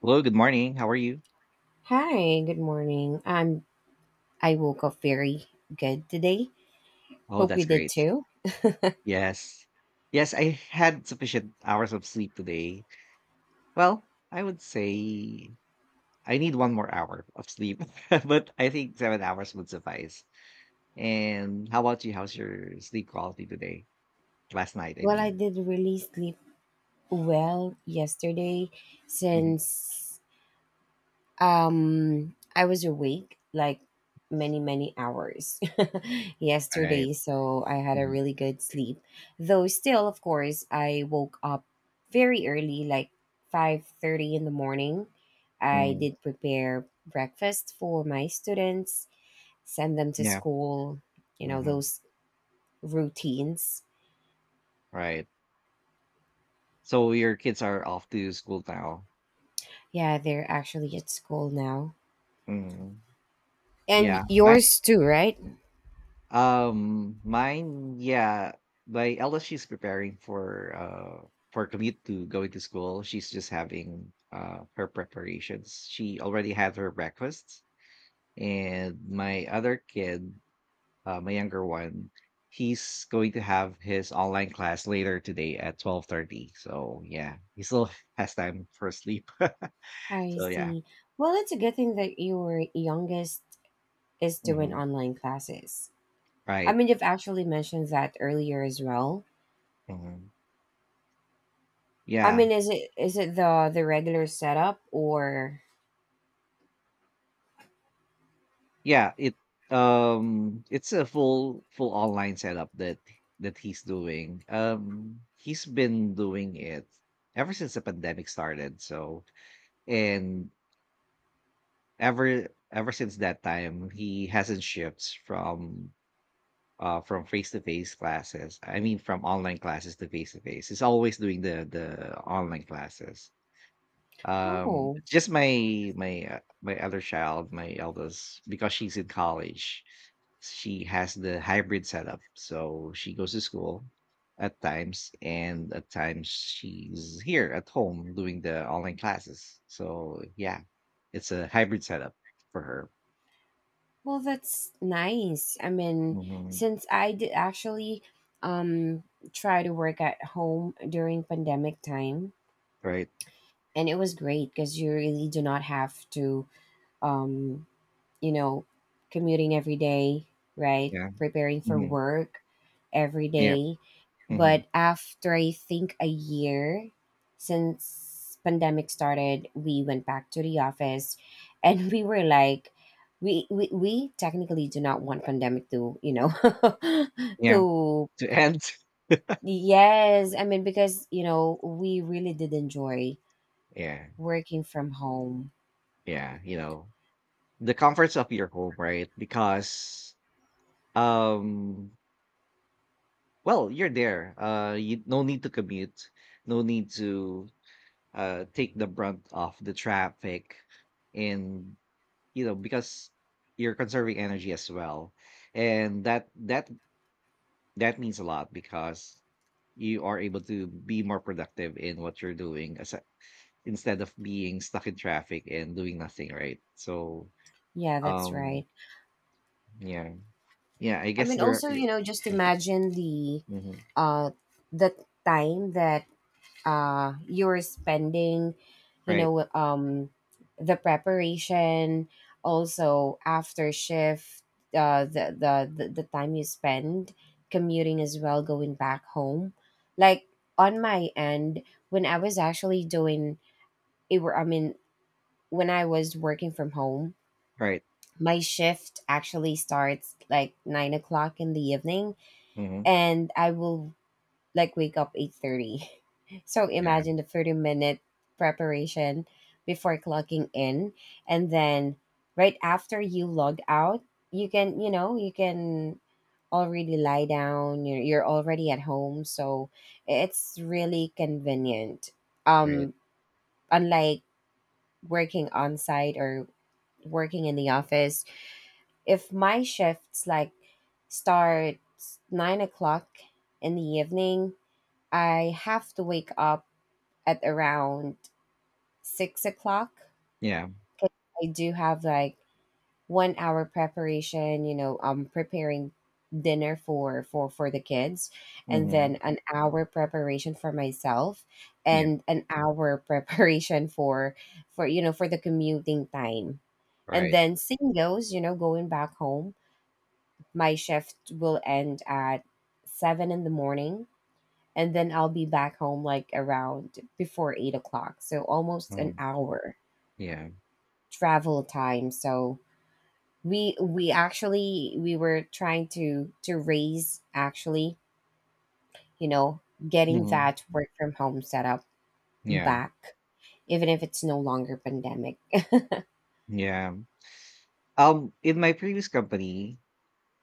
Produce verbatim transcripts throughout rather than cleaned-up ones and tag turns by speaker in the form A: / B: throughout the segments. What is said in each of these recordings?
A: Hello, good morning. How are you?
B: Hi, good morning. I'm I woke up very good today.
A: Oh,
B: Hope
A: that's
B: you did
A: great.
B: too.
A: Yes. Yes, I had sufficient hours of sleep today. Well, I would say I need one more hour of sleep, but I think seven hours would suffice. And how about you? How's your sleep quality today? Last night, I
B: Well, I
A: mean.
B: did really sleep well yesterday
A: Mhm.
B: since um I was awake like many many hours
A: Right.
B: yesterday, so I had a
A: Mhm.
B: really good sleep. Though still, of course, I woke up very early like five thirty in the morning. I
A: Mhm.
B: did prepare breakfast for my students, send them to
A: Yeah.
B: school, you know,
A: Mhm.
B: those routines.
A: Right. So your kids are off to school now.
B: Yeah, they're actually at school now.
A: Mhm.
B: And
A: Yeah. My
B: yours too, right?
A: Um, mine, yeah. My eldest, she's preparing for uh for commute to going to school. She's just having uh her preparations. She already had her breakfast, and my other kid, uh, my younger one, he's going to have his online class later today at twelve thirty. So yeah, he still has time for sleep.
B: I
A: so yeah,
B: see. Well, it's a good thing that your youngest is doing
A: hmm
B: online classes. I
A: right.
B: mean, you've actually mentioned that earlier as well.
A: hmm
B: I
A: Yeah,
B: mean, is it is it the the regular setup or...
A: Yeah, it um it's a full full online setup that that he's doing. Um he's been doing it ever since the pandemic started. So and ever ever since that time he hasn't shifts from uh from face to face classes. I mean from online classes to face to face. He's always doing the the online classes. Um
B: Oh,
A: just my my uh, my other child, my eldest, because she's in college she has the hybrid setup. So she goes to school at times, and at times she's here at home doing the online classes. So yeah, it's a hybrid setup for her.
B: well that's nice. I mean,
A: Mhm.
B: since I did actually um try to work at home during pandemic time,
A: Right?
B: and it was great because you really do not have to, um you know, commuting every day, right,
A: Yeah.
B: preparing for
A: hmm
B: work every
A: Yeah.
B: day.
A: hmm
B: But after I think a year since pandemic started, we went back to the office, and we were like, we we, we technically do not want pandemic to, you know,
A: Yeah.
B: to...
A: To end.
B: Yes, I mean, because you know we really did enjoy
A: Yeah.
B: working from home.
A: Yeah. You know, the comforts of your home, right? Because, um, well, you're there. Uh, you no need to commute, no need to uh take the brunt of the traffic and you know because you're conserving energy as well, and that that that means a lot because you are able to be more productive in what you're doing, as instead of being stuck in traffic and doing nothing, right? so
B: Yeah, that's
A: um
B: right.
A: yeah, yeah, I
B: I
A: guess
B: mean,
A: there are—
B: also, you know, just imagine the
A: Mhm.
B: uh the time that uh you're spending, you
A: Right.
B: know, um the preparation, also after shift, uh the the the, the time you spend commuting as well going back home. Like on my end, when I was actually doing it were, I mean, when I was working from home,
A: Right.
B: my shift actually starts like nine o'clock in the evening,
A: hmm
B: and I will like wake up eight thirty. So
A: Yeah.
B: imagine the thirty minute preparation before clocking in, and then right after you log out, you can you know you can already lie down. You're, you're already at home, so it's really convenient.
A: Right.
B: um Unlike working on site or working in the office, if my shifts like starts nine o'clock in the evening, I have to wake up at around six o'clock.
A: Yeah.
B: 'Cause I do have like one hour preparation, you know, I'm preparing dinner for for for the kids, and
A: hmm
B: then an hour preparation for myself,
A: Yeah.
B: and an hour preparation for for you know, for the commuting time. And
A: Right.
B: then same goes, you know, going back home. My shift will end at seven in the morning, and then I'll be back home like around before eight o'clock, so almost an
A: hmm
B: hour
A: Yeah.
B: travel time. So we we actually we were trying to to raise actually, you know, getting
A: hmm
B: that work from home setup
A: Yeah.
B: back even if it's no longer pandemic.
A: Yeah. Um, in my previous company,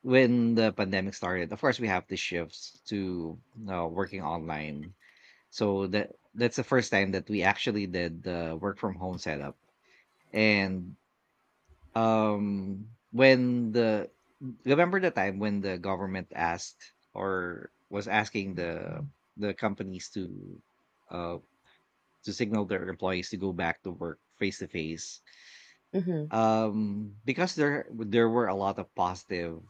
A: when the pandemic started, of course, we have to shift to uh, working online. So that that's the first time that we actually did the work from home setup. And um, when the— remember the time when the government asked, or was asking the the companies to uh to signal their employees to go back to work face to face?
B: hmm
A: Um because there there were a lot of positive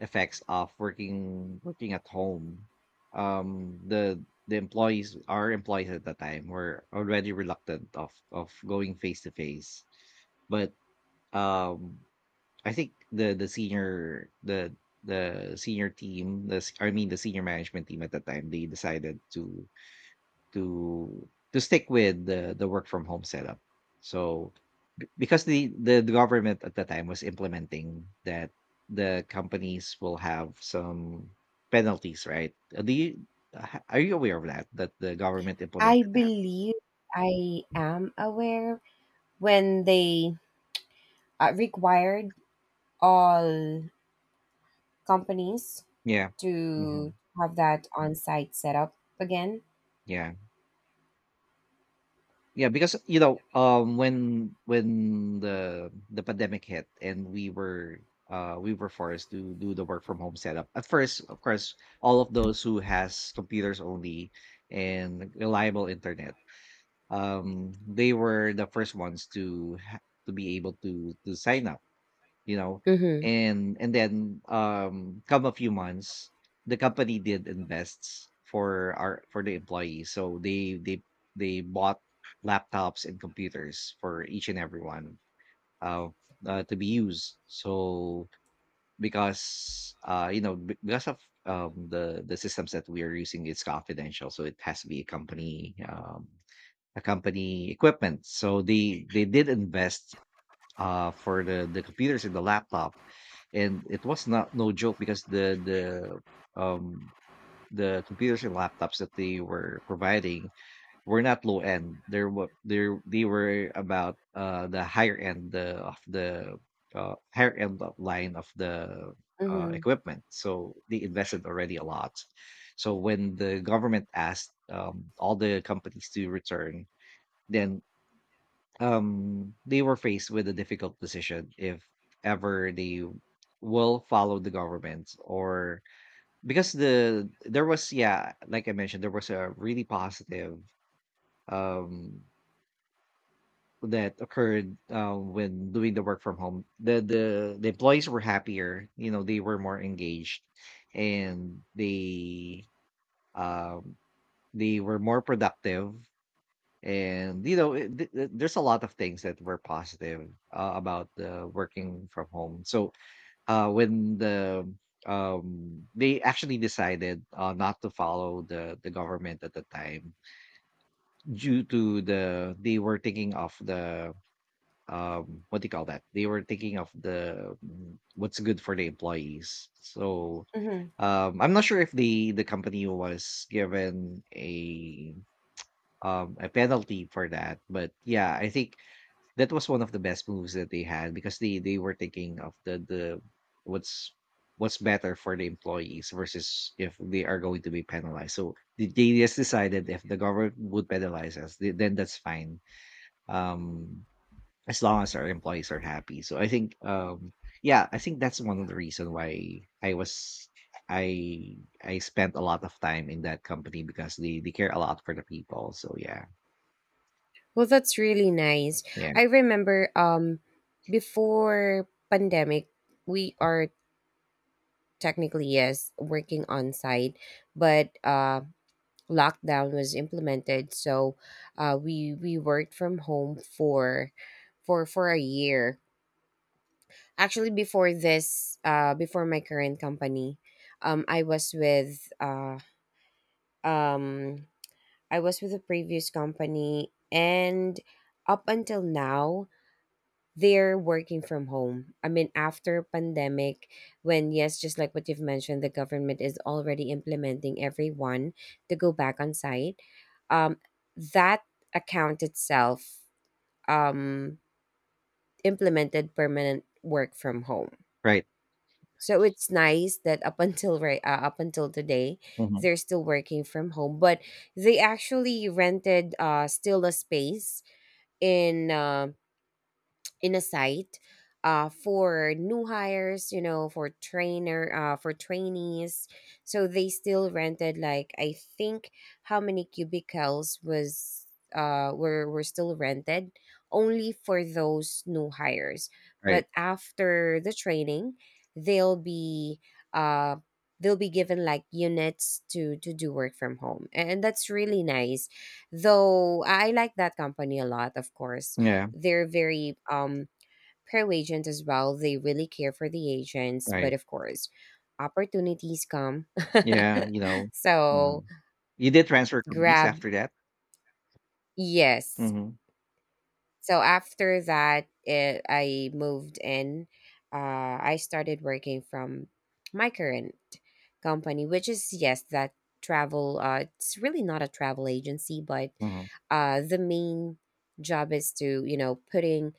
A: effects of working working at home. Um, the the employees, our employees at that time, were already reluctant of of going face to face. But um, I think the the senior the the senior team, the s- I mean the senior management team at that time, they decided to to to stick with the the work from home setup. So because the the the government at the time was implementing that the companies will have some penalties, right? Uh, Do you uh, Are you aware of that? That the government
B: I
A: implemented that?
B: believe I am aware when they uh, required all companies
A: Yeah. hmm
B: to have that on-site setup again.
A: Yeah. Yeah, because you know, um when when the the pandemic hit and we were uh we were forced to do the work from home setup. At first, of course, all of those who has computers only and reliable internet, um they were the first ones to ha- to be able to to sign up, you know.
B: Mm-hmm.
A: And and then um come a few months the company did invests for our for the employees, so they they they bought laptops and computers for each and everyone uh, uh to be used. So because uh you know, be- because of um the the systems that we are using, it's confidential, so it has to be a company um accompany equipment. So they they did invest uh for the the computers and the laptop, and it was not no joke because the the um the computers and laptops that they were providing were not low end. There were there They were about uh the higher end, the, of the uh, higher end of line of the uh,
B: Mhm.
A: equipment. So they invested already a lot. So when the government asked, um, all the companies to return, then um they were faced with a difficult decision if ever they will follow the government. Or because the there was— yeah, like I mentioned, there was a really positive um that occurred uh, when doing the work from home. The, the the employees were happier, you know, they were more engaged, and they um they were more productive. And you know, it, th- th- there's a lot of things that were positive uh, about the working from home. So uh, when the um, they actually decided uh, not to follow the the government at the time due to the they were thinking of the um what do you call that, they were thinking of the mm, what's good for the employees. so
B: Mhm.
A: um I'm not sure if the the company was given a um a penalty for that, but yeah, I think that was one of the best moves that they had, because they they were thinking of the the what's— what's better for the employees versus if they are going to be penalized. So they they just decided, if the government would penalize us, th- then that's fine. Um, as long as our employees are happy. So I think um yeah, I think that's one of the reason why I was I I spent a lot of time in that company, because they they care a lot for the people. So yeah,
B: Well, that's really nice.
A: yeah,
B: I remember, um before pandemic, we are technically yes working on site, but uh lockdown was implemented, so uh we we worked from home for for for a year. Actually, before this, uh before my current company, um I was with uh um I was with a previous company, and up until now they're working from home. I mean after pandemic, when, yes, just like what you've mentioned, the government is already implementing everyone to go back on site. Um that account itself um implemented permanent work from home.
A: right,
B: So it's nice that up until right, uh, up until today,
A: hmm
B: they're still working from home. But they actually rented uh still a space in uh, in a site uh, for new hires, you know, for trainer, uh, for trainees. So they still rented like, I think, how many cubicles was uh were were still rented only for those new hires. But
A: right,
B: after the training, they'll be uh they'll be given like units to to do work from home, and that's really nice. Though I like that company a lot. Of course,
A: yeah,
B: they're very um pro agent as well. They really care for the agents, but
A: right.
B: of course, opportunities come.
A: Yeah, you know,
B: So
A: mhm. You did transfer companies
B: grab,
A: after that?
B: yes.
A: Mhm,
B: So after that, eh, I moved in. Uh, I started working from my current company, which is, yes, that travel. Uh, it's really not a travel agency, but
A: mhm.
B: uh, the main job is to, you know, putting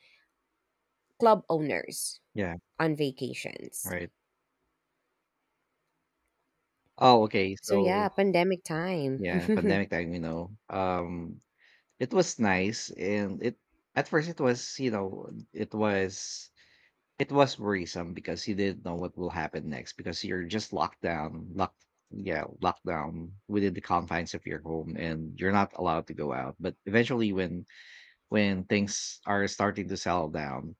B: club owners
A: Yeah,
B: on vacations.
A: right. Oh, okay,
B: So
A: so
B: yeah, pandemic time.
A: yeah, pandemic time, you know, um, it was nice, and it at first it was, you know, it was it was worrisome because you didn't know what will happen next, because you're just locked down, locked— yeah, locked down within the confines of your home and you're not allowed to go out. But eventually, when when things are starting to settle down,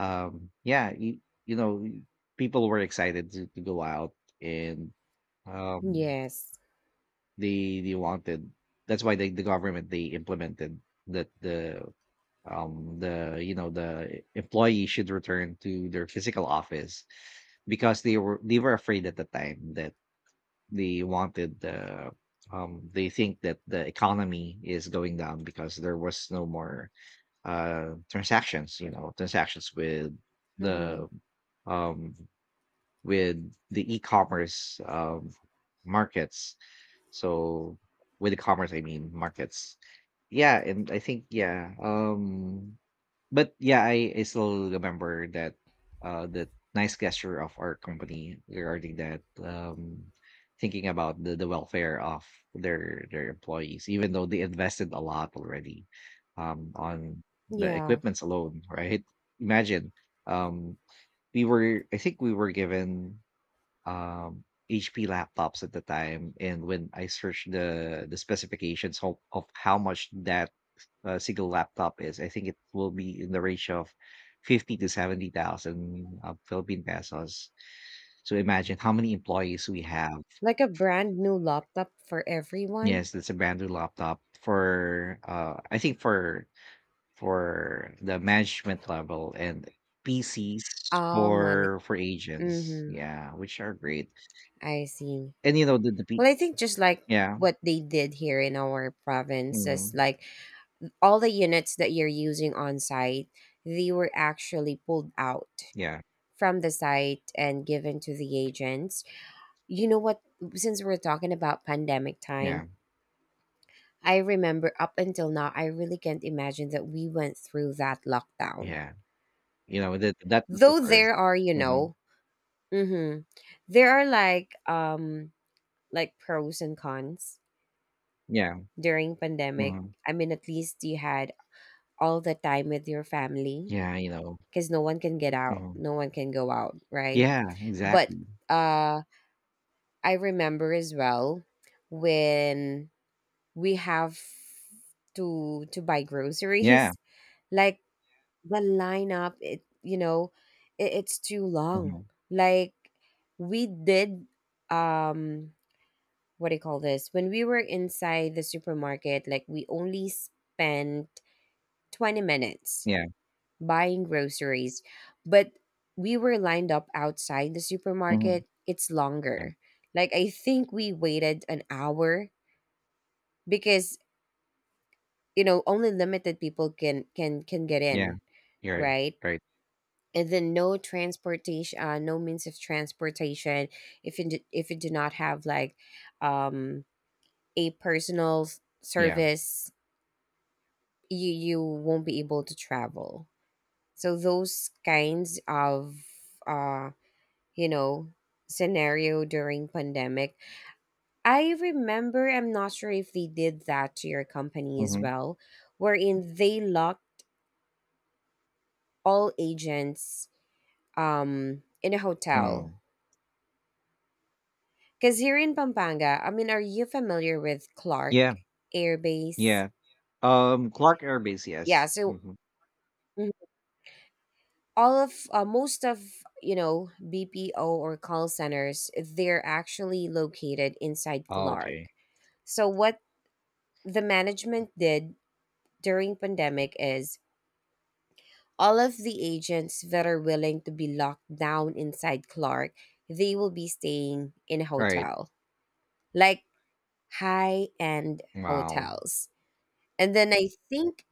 A: um yeah, you, you know, people were excited to, to go out. And um
B: Yes.
A: they they wanted— that's why they, the government, they implemented that the um the you know, the employee should return to their physical office, because they were they were afraid at the time that they wanted the um they think that the economy is going down because there was no more uh transactions, you know, transactions with
B: Hmm.
A: the um with the e-commerce um markets. So with e commerce, I mean, markets. Yeah, and I think yeah, um but yeah, I I still remember that uh that nice gesture of our company regarding that, um thinking about the, the welfare of their their employees, even though they invested a lot already um on the
B: Yeah,
A: equipments alone, right? Imagine, um we were— I think we were given um, H P laptops at the time, and when I searched the the specifications of, of how much that uh, single laptop is, I think it will be in the range of fifty to seventy thousand uh, Philippine pesos. So imagine how many employees we have.
B: like a brand new laptop for everyone.
A: Yes, that's a brand new laptop for uh, I think for for the management level, and P Cs
B: Oh money.
A: for for agents.
B: Mm-hmm.
A: Yeah, which are great.
B: I see.
A: And you know the the P-
B: Well, I think just like
A: yeah.
B: what they did here in our province is
A: Mm-hmm.
B: like all the units that you're using on site, they were actually pulled out
A: Yeah,
B: from the site and given to the agents. You know what? Since we're talking about pandemic time,
A: yeah,
B: I remember up until now, I really can't imagine that we went through that lockdown.
A: yeah. You know, that that was the
B: Though
A: first.
B: there are, you
A: Mhm.
B: know, hmm there are like, um like pros and cons
A: Yeah,
B: during pandemic.
A: mhm.
B: I mean, at least you had all the time with your family,
A: Yeah, you know,
B: because no one can get out,
A: mhm.
B: no one can go out, right?
A: Yeah,
B: But
A: exactly.
B: uh, I remember as well when we have to to buy
A: Yeah,
B: groceries, like the lineup, it, you know, it, it's too long.
A: mhm.
B: Like we did, um what do you call this, when we were inside the supermarket, like we only spent twenty minutes
A: Yeah,
B: buying groceries, but we were lined up outside the
A: mhm.
B: supermarket, it's
A: Yeah,
B: longer. Like I think we waited an hour, because, you know, only limited people can can can get
A: yeah,
B: in,
A: you're right,
B: right.
A: right.
B: And then no transportation, uh, no means of transportation. If you do, if you do not have like um a personal s-
A: Yeah,
B: service, you you won't be able to travel. So those kinds of, uh you know, scenario during pandemic. I remember, I'm not sure if they did that to your company as
A: mhm,
B: well, wherein they locked all agents um in a hotel.
A: mm.
B: Because here in Pampanga, I mean, are you familiar with Clark
A: Yeah,
B: Air Base?
A: yeah. Um, Clark Air Base,
B: Yeah,
A: yes.
B: so,
A: Mhm.
B: mhm, all of uh, most of, you know, B P O or call centers, they're actually located inside
A: Oh,
B: Clark.
A: okay.
B: So what the management did during pandemic is all of the agents that are willing to be locked down inside Clark, they will be staying in a
A: All right.
B: hotel, like high end
A: Wow,
B: hotels. And then I think,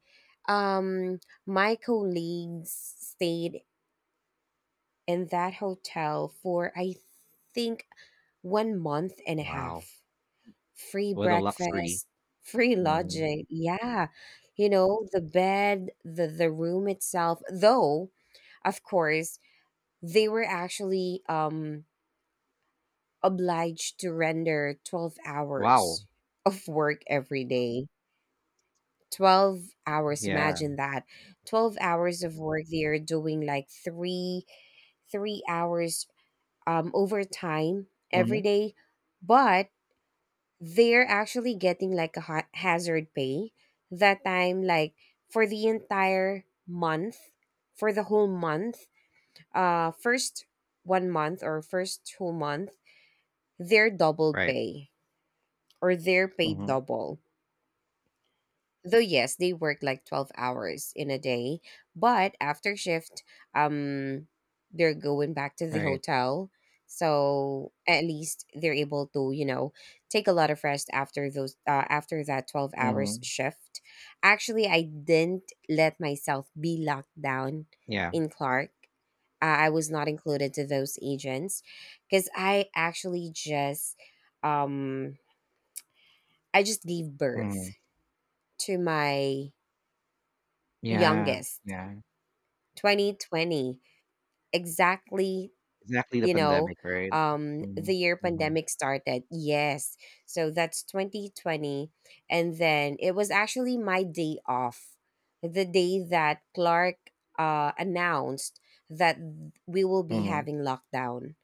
B: Um, my colleagues stayed in that hotel for I think one month and a
A: wow.
B: half. Free
A: What a luxury.
B: breakfast, free
A: Mhm.
B: lodging. Yeah. You know, the bed, the the room itself, though of course, they were actually, um, obliged to render twelve hours
A: Wow.
B: of work every day. twelve hours,
A: Yeah.
B: imagine that. twelve hours of work. They are doing like three three hours, um, overtime every
A: Mhm.
B: day, but they're actually getting like a ha- hazard pay that time, like for the entire month, for the whole month. Uh, first one month or first two month, they're double
A: Right.
B: pay or they're paid
A: Mhm.
B: double. Though yes, they work like twelve hours in a day, but after shift, um they're going back to the
A: Right.
B: hotel, so at least they're able to, you know, take a lot of rest after those, uh, after that twelve hours
A: Mhm.
B: shift. Actually, I didn't let myself be locked down
A: Yeah.
B: in Clark. Uh, I was not included to those agents because I actually just, um I just gave birth
A: Mhm.
B: to my
A: Yeah,
B: youngest
A: yeah.
B: twenty twenty exactly,
A: Exactly the
B: you know,
A: pandemic, right?
B: um
A: Mhm,
B: the year
A: mhm,
B: pandemic started, yes. So that's twenty twenty, and then it was actually my day off the day that Clark uh announced that we will be
A: mhm,
B: having lockdown.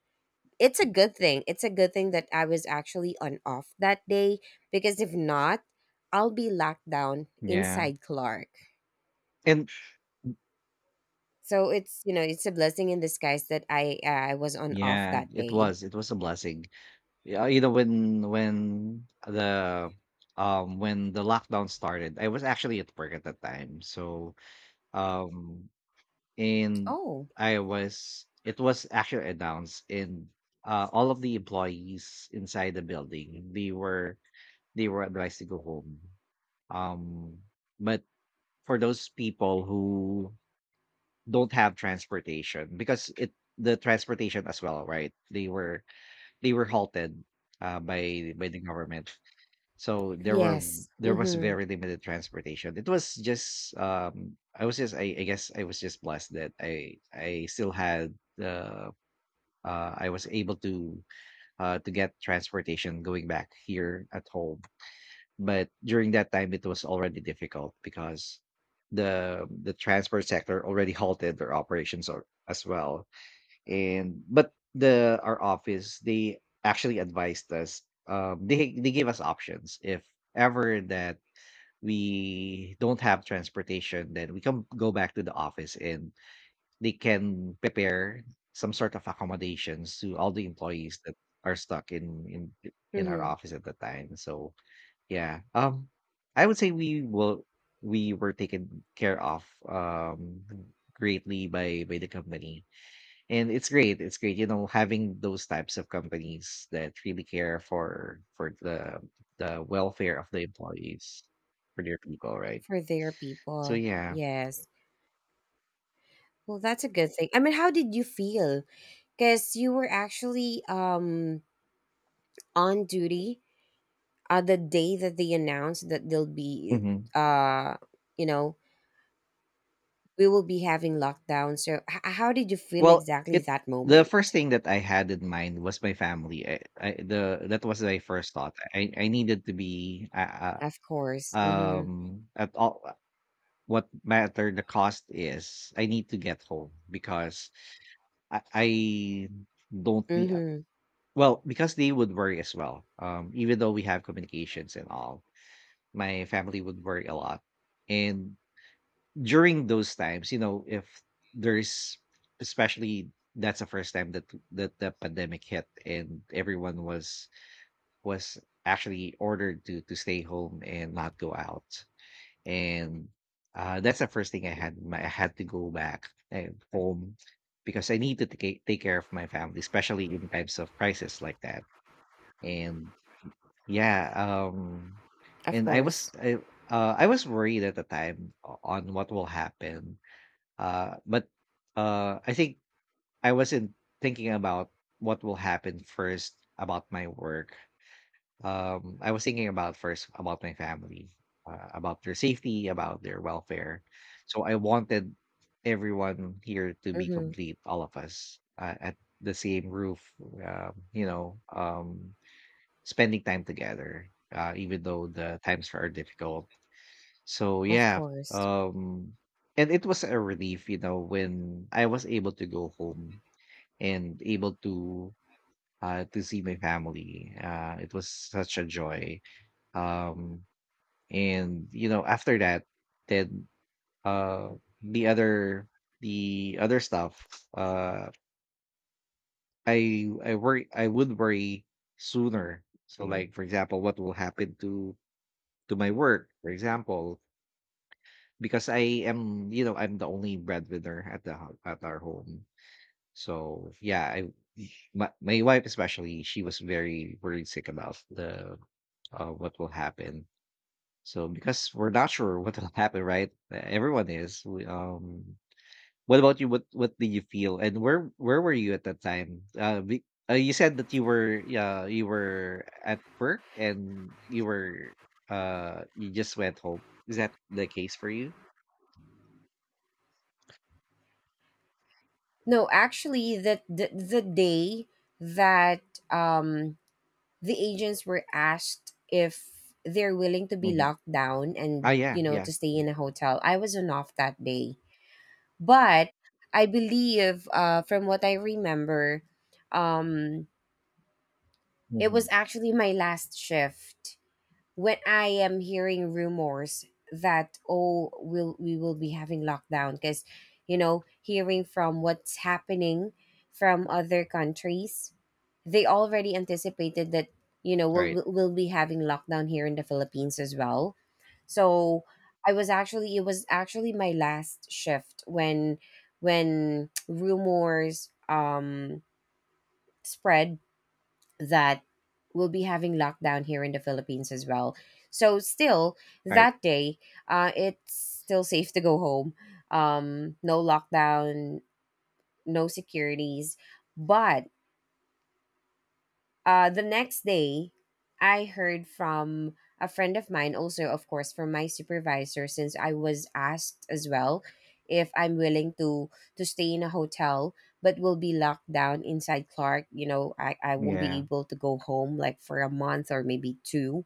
B: It's a good thing, it's a good thing that I was actually on off that day, because if not, I'll be locked down
A: yeah,
B: inside Clark.
A: and
B: So it's, you know, it's a blessing in disguise that I I was on off
A: yeah,
B: that
A: it
B: day.
A: was it was a blessing. Yeah, you know, when when the um when the lockdown started, I was actually at work at that time. So, um and
B: Oh,
A: I was— it was actually announced, and uh all of the employees inside the building, they were they were advised to go home. Um, but for those people who don't have transportation, because it the transportation as well, right, they were they were halted uh, by by the government, so there were
B: yes.
A: there was
B: Mhm.
A: very limited transportation. It was just, um I was just i, I guess I was just blessed that i I still had uh, uh I was able to uh to get transportation going back here at home. But during that time, it was already difficult because the the transport sector already halted their operations or, as well. And but the our office, they actually advised us. Um, they they gave us options if ever that we don't have transportation, then we can go back to the office and they can prepare some sort of accommodations to all the employees that are stuck in in in our
B: Mhm.
A: office at the time. So yeah, um, I would say we will we were taken care of, um, greatly by by the company, and it's great, it's great, you know, having those types of companies that really care for for the the welfare of the employees, for their people, right?
B: For their
A: So
B: people.
A: yeah,
B: Yes. Well, that's a good thing. I mean, how did you feel? Cuz you were actually, um on duty uh the day that they announced that they'll be,
A: hmm,
B: uh you know, we will be having lockdown. So h- how did you feel
A: well,
B: exactly
A: it
B: that
A: the
B: moment?
A: first thing that I had in mind was my family. I, I the That was my first thought. I I needed to be uh,
B: Of
A: uh,
B: course. Mhm.
A: um at all what matter the cost is, I need to get home because I, I don't need
B: Mhm.
A: well, because they would worry as well, um even though we have communications and all, my family would worry a lot. And during those times, you know, if there's especially that's the first time that that the pandemic hit and everyone was was actually ordered to to stay home and not go out. And uh, that's the first thing I had in mind. I had to go back and home because I need to take take care of my family, especially in times of crisis like that. And yeah, um,
B: Of
A: and I was
B: course.
A: I, uh, I was worried at the time o- on what will happen. Uh, but uh, I think I wasn't thinking about what will happen first about my work. um, I was thinking about first about my family, uh, about their safety, about their welfare. So I wanted everyone here to be
B: Mhm.
A: complete, all of us uh, at the same roof, uh, you know, um, spending time together, uh, even though the times are difficult. So
B: Of
A: yeah,
B: course.
A: um, and it was a relief, you know, when I was able to go home and able to uh, to see my family. Uh, it was such a joy, um, and you know, after that, then uh the other the other stuff, uh I I worry I would worry sooner. So hmm, like for example, what will happen to to my work, for example, because I am, you know, I'm the only breadwinner at the ho- at our home. So yeah, I my, my wife especially, she was very worried sick about the uh, what will happen. So because we're not sure what will happen, right? E, Everyone is. We, um, what about you? What What do you feel? And where where were you at that time? Uh, be, uh you said that you were, yeah, you were at work and you were, uh you just went home. Is that the case for you?
B: No, actually, the the, the day that, um, the agents were asked if they're willing to be
A: Hmm.
B: locked down,
A: Ah,
B: and
A: yeah,
B: you know,
A: yeah.
B: to stay in a hotel, I was on off that day. But I believe, uh, from what I remember, um, it
A: Hmm.
B: was actually my last shift when I am hearing rumors that, oh, will we, will be having lockdown, because, you know, hearing from what's happening from other countries, they already anticipated that, you know, we'll
A: Right,
B: we'll we'll be having lockdown here in the Philippines as well. So I was actually, it was actually my last shift when when rumors um spread that we'll be having lockdown here in the Philippines as well. So still
A: all right.
B: that day, uh, it's still safe to go home. Um, no lockdown, no securities, but uh, the next day, I heard from a friend of mine, also, of course, from my supervisor, since I was asked as well if I'm willing to to stay in a hotel, but will be locked down inside Clark. You know, I, I won't be
A: Yeah,
B: able to go home like for a month or maybe two.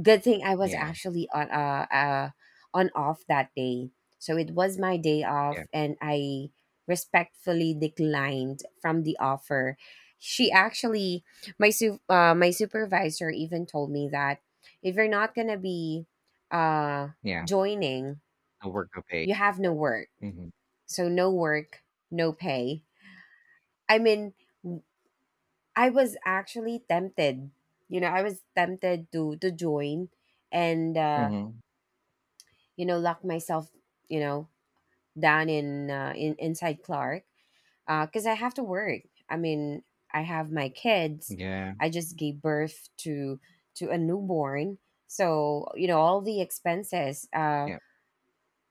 B: Good thing I was
A: yeah,
B: actually on uh, uh on off that day. So it was my day
A: yeah.
B: off and I respectfully declined from the offer. She actually my su- uh, my supervisor even told me that if you're not going to be uh
A: Yeah,
B: joining,
A: the work of pay.
B: you have no work.
A: Mhm,
B: So no work, no pay. I mean, w- I was actually tempted. You know, I was tempted to to join and uh
A: mhm.
B: you know lock myself you know down in uh, in inside Clark because I have to work. I mean, I have my kids.
A: Yeah,
B: I just gave birth to to a newborn, so you know all the expenses. Uh,
A: yeah.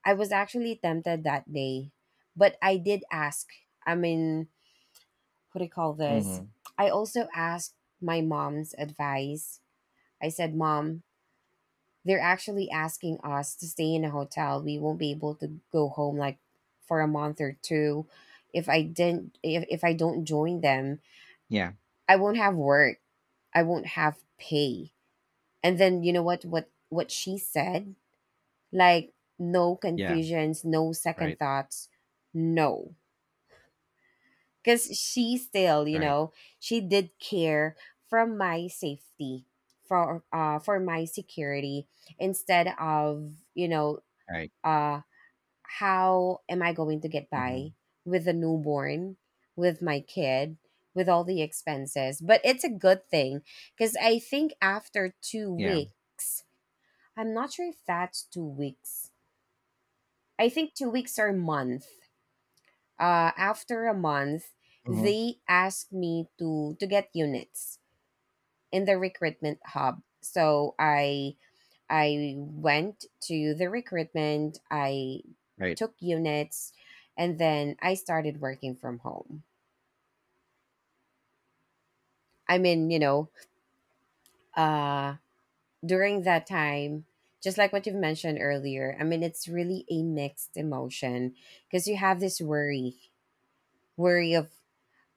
B: I was actually tempted that day, but I did ask. I mean, what do you call this?
A: Mhm.
B: I also asked my mom's advice. I said, "Mom, they're actually asking us to stay in a hotel. We won't be able to go home like for a month or two. If I didn't if, if I don't join them,
A: Yeah,
B: I won't have work. I won't have pay." And then you know what what what she said? Like no
A: yeah.
B: confusions, no
A: Right,
B: second thoughts. No. Cuz she still, you
A: right,
B: know, she did care from my safety, for uh for my security, instead of, you know,
A: right.
B: uh how am I going to get by
A: Mhm.
B: with a newborn, with my kid, with all the expenses? But it's a good thing because I think after two
A: Yeah.
B: weeks, I'm not sure if that's two weeks. I think two weeks or a month. Uh, after a month,
A: Mhm.
B: they asked me to to get units in the recruitment hub. So I I went to the recruitment. I
A: Right,
B: took units, and then I started working from home. I mean, you know, uh, during that time, just like what you've mentioned earlier, I mean, it's really a mixed emotion because you have this worry, worry of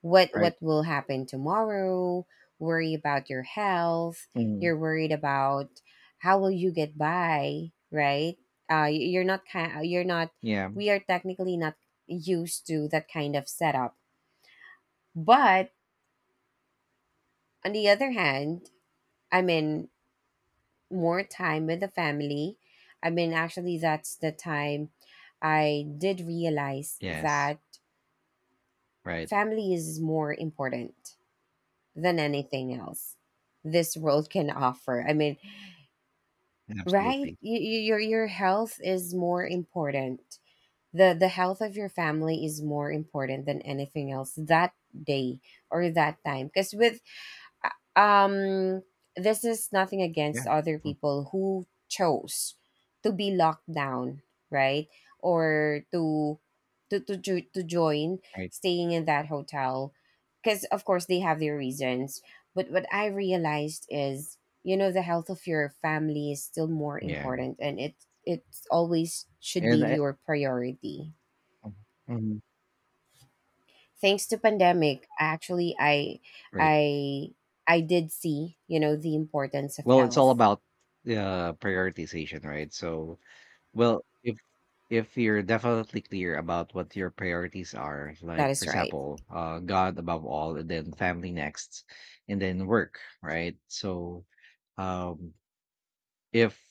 B: what
A: right.
B: what will happen tomorrow, worry about your health,
A: Mhm.
B: you're worried about how will you get by, right? Uh, y- you're not kind, you're not.
A: Yeah.
B: We are technically not used to that kind of setup, but on the other hand, I'm in more time with the family. I mean, actually, that's the time I did realize
A: Yes.
B: that
A: Right.
B: family is more important than anything else this world can offer. I mean, right?
A: Absolutely.
B: You, you, your your health is more important. the The health of your family is more important than anything else that day or that time. Because with um this is nothing
A: Yeah.
B: against other
A: Mm,
B: people who chose to be locked down, right, or to to to, jo- to join
A: right.
B: staying in that hotel, because of course they have their reasons. But what I realized is, you know, the health of your family is still more
A: Yeah.
B: important and it it always should be
A: And I,
B: your priority.
A: mhm, mhm.
B: Thanks to pandemic, actually, i
A: Right.
B: i i did see, you know, the importance of
A: Well, it's all
B: health.
A: about, uh, prioritization, right? So, well, if if you're definitely clear about what your priorities are,
B: That
A: like for
B: is right.
A: example, uh, God above all, and then family next, and then work, right? So, um, if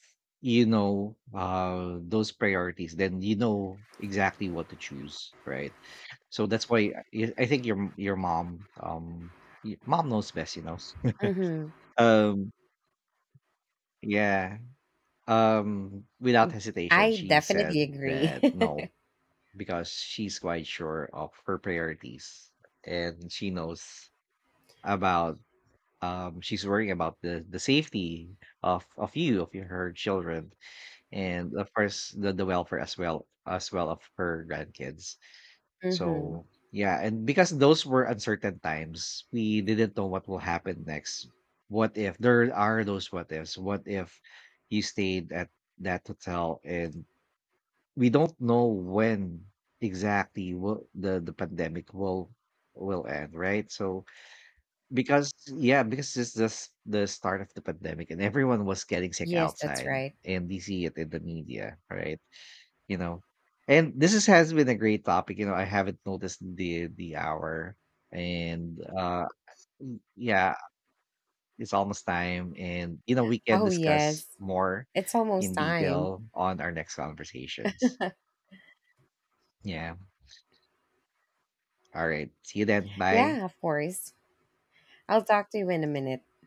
A: you know uh those priorities, then you know exactly what to choose, right? So that's why I I think your your mom, um, y- mom knows best, you know.
B: Mm-hmm.
A: um, yeah. Um, without hesitation,
B: I
A: she
B: definitely
A: said
B: agree.
A: that no, because she's quite sure of her priorities, and she knows about, um, she's worrying about the the safety of of you of your, her children, and of course the, the welfare as well as well of her grandkids.
B: Mm-hmm.
A: So yeah, and because those were uncertain times, we didn't know what will happen next. What if there are those what ifs, what if you stayed at that hotel and we don't know when exactly will the the pandemic will will end, right? So because, yeah, because it's just the start of the pandemic and everyone was getting sick
B: Yes, that's
A: outside,
B: right.
A: and we see it in the media, right, you know. And this is, has been a great topic. You know, I haven't noticed the the hour. And uh, y- yeah, it's almost time, and you know, we can
B: Oh
A: discuss
B: yes,
A: more
B: it's almost
A: in
B: time.
A: detail on our next conversations. Yeah. All right. See you then. Bye.
B: Yeah, of course. I'll talk to you in a minute.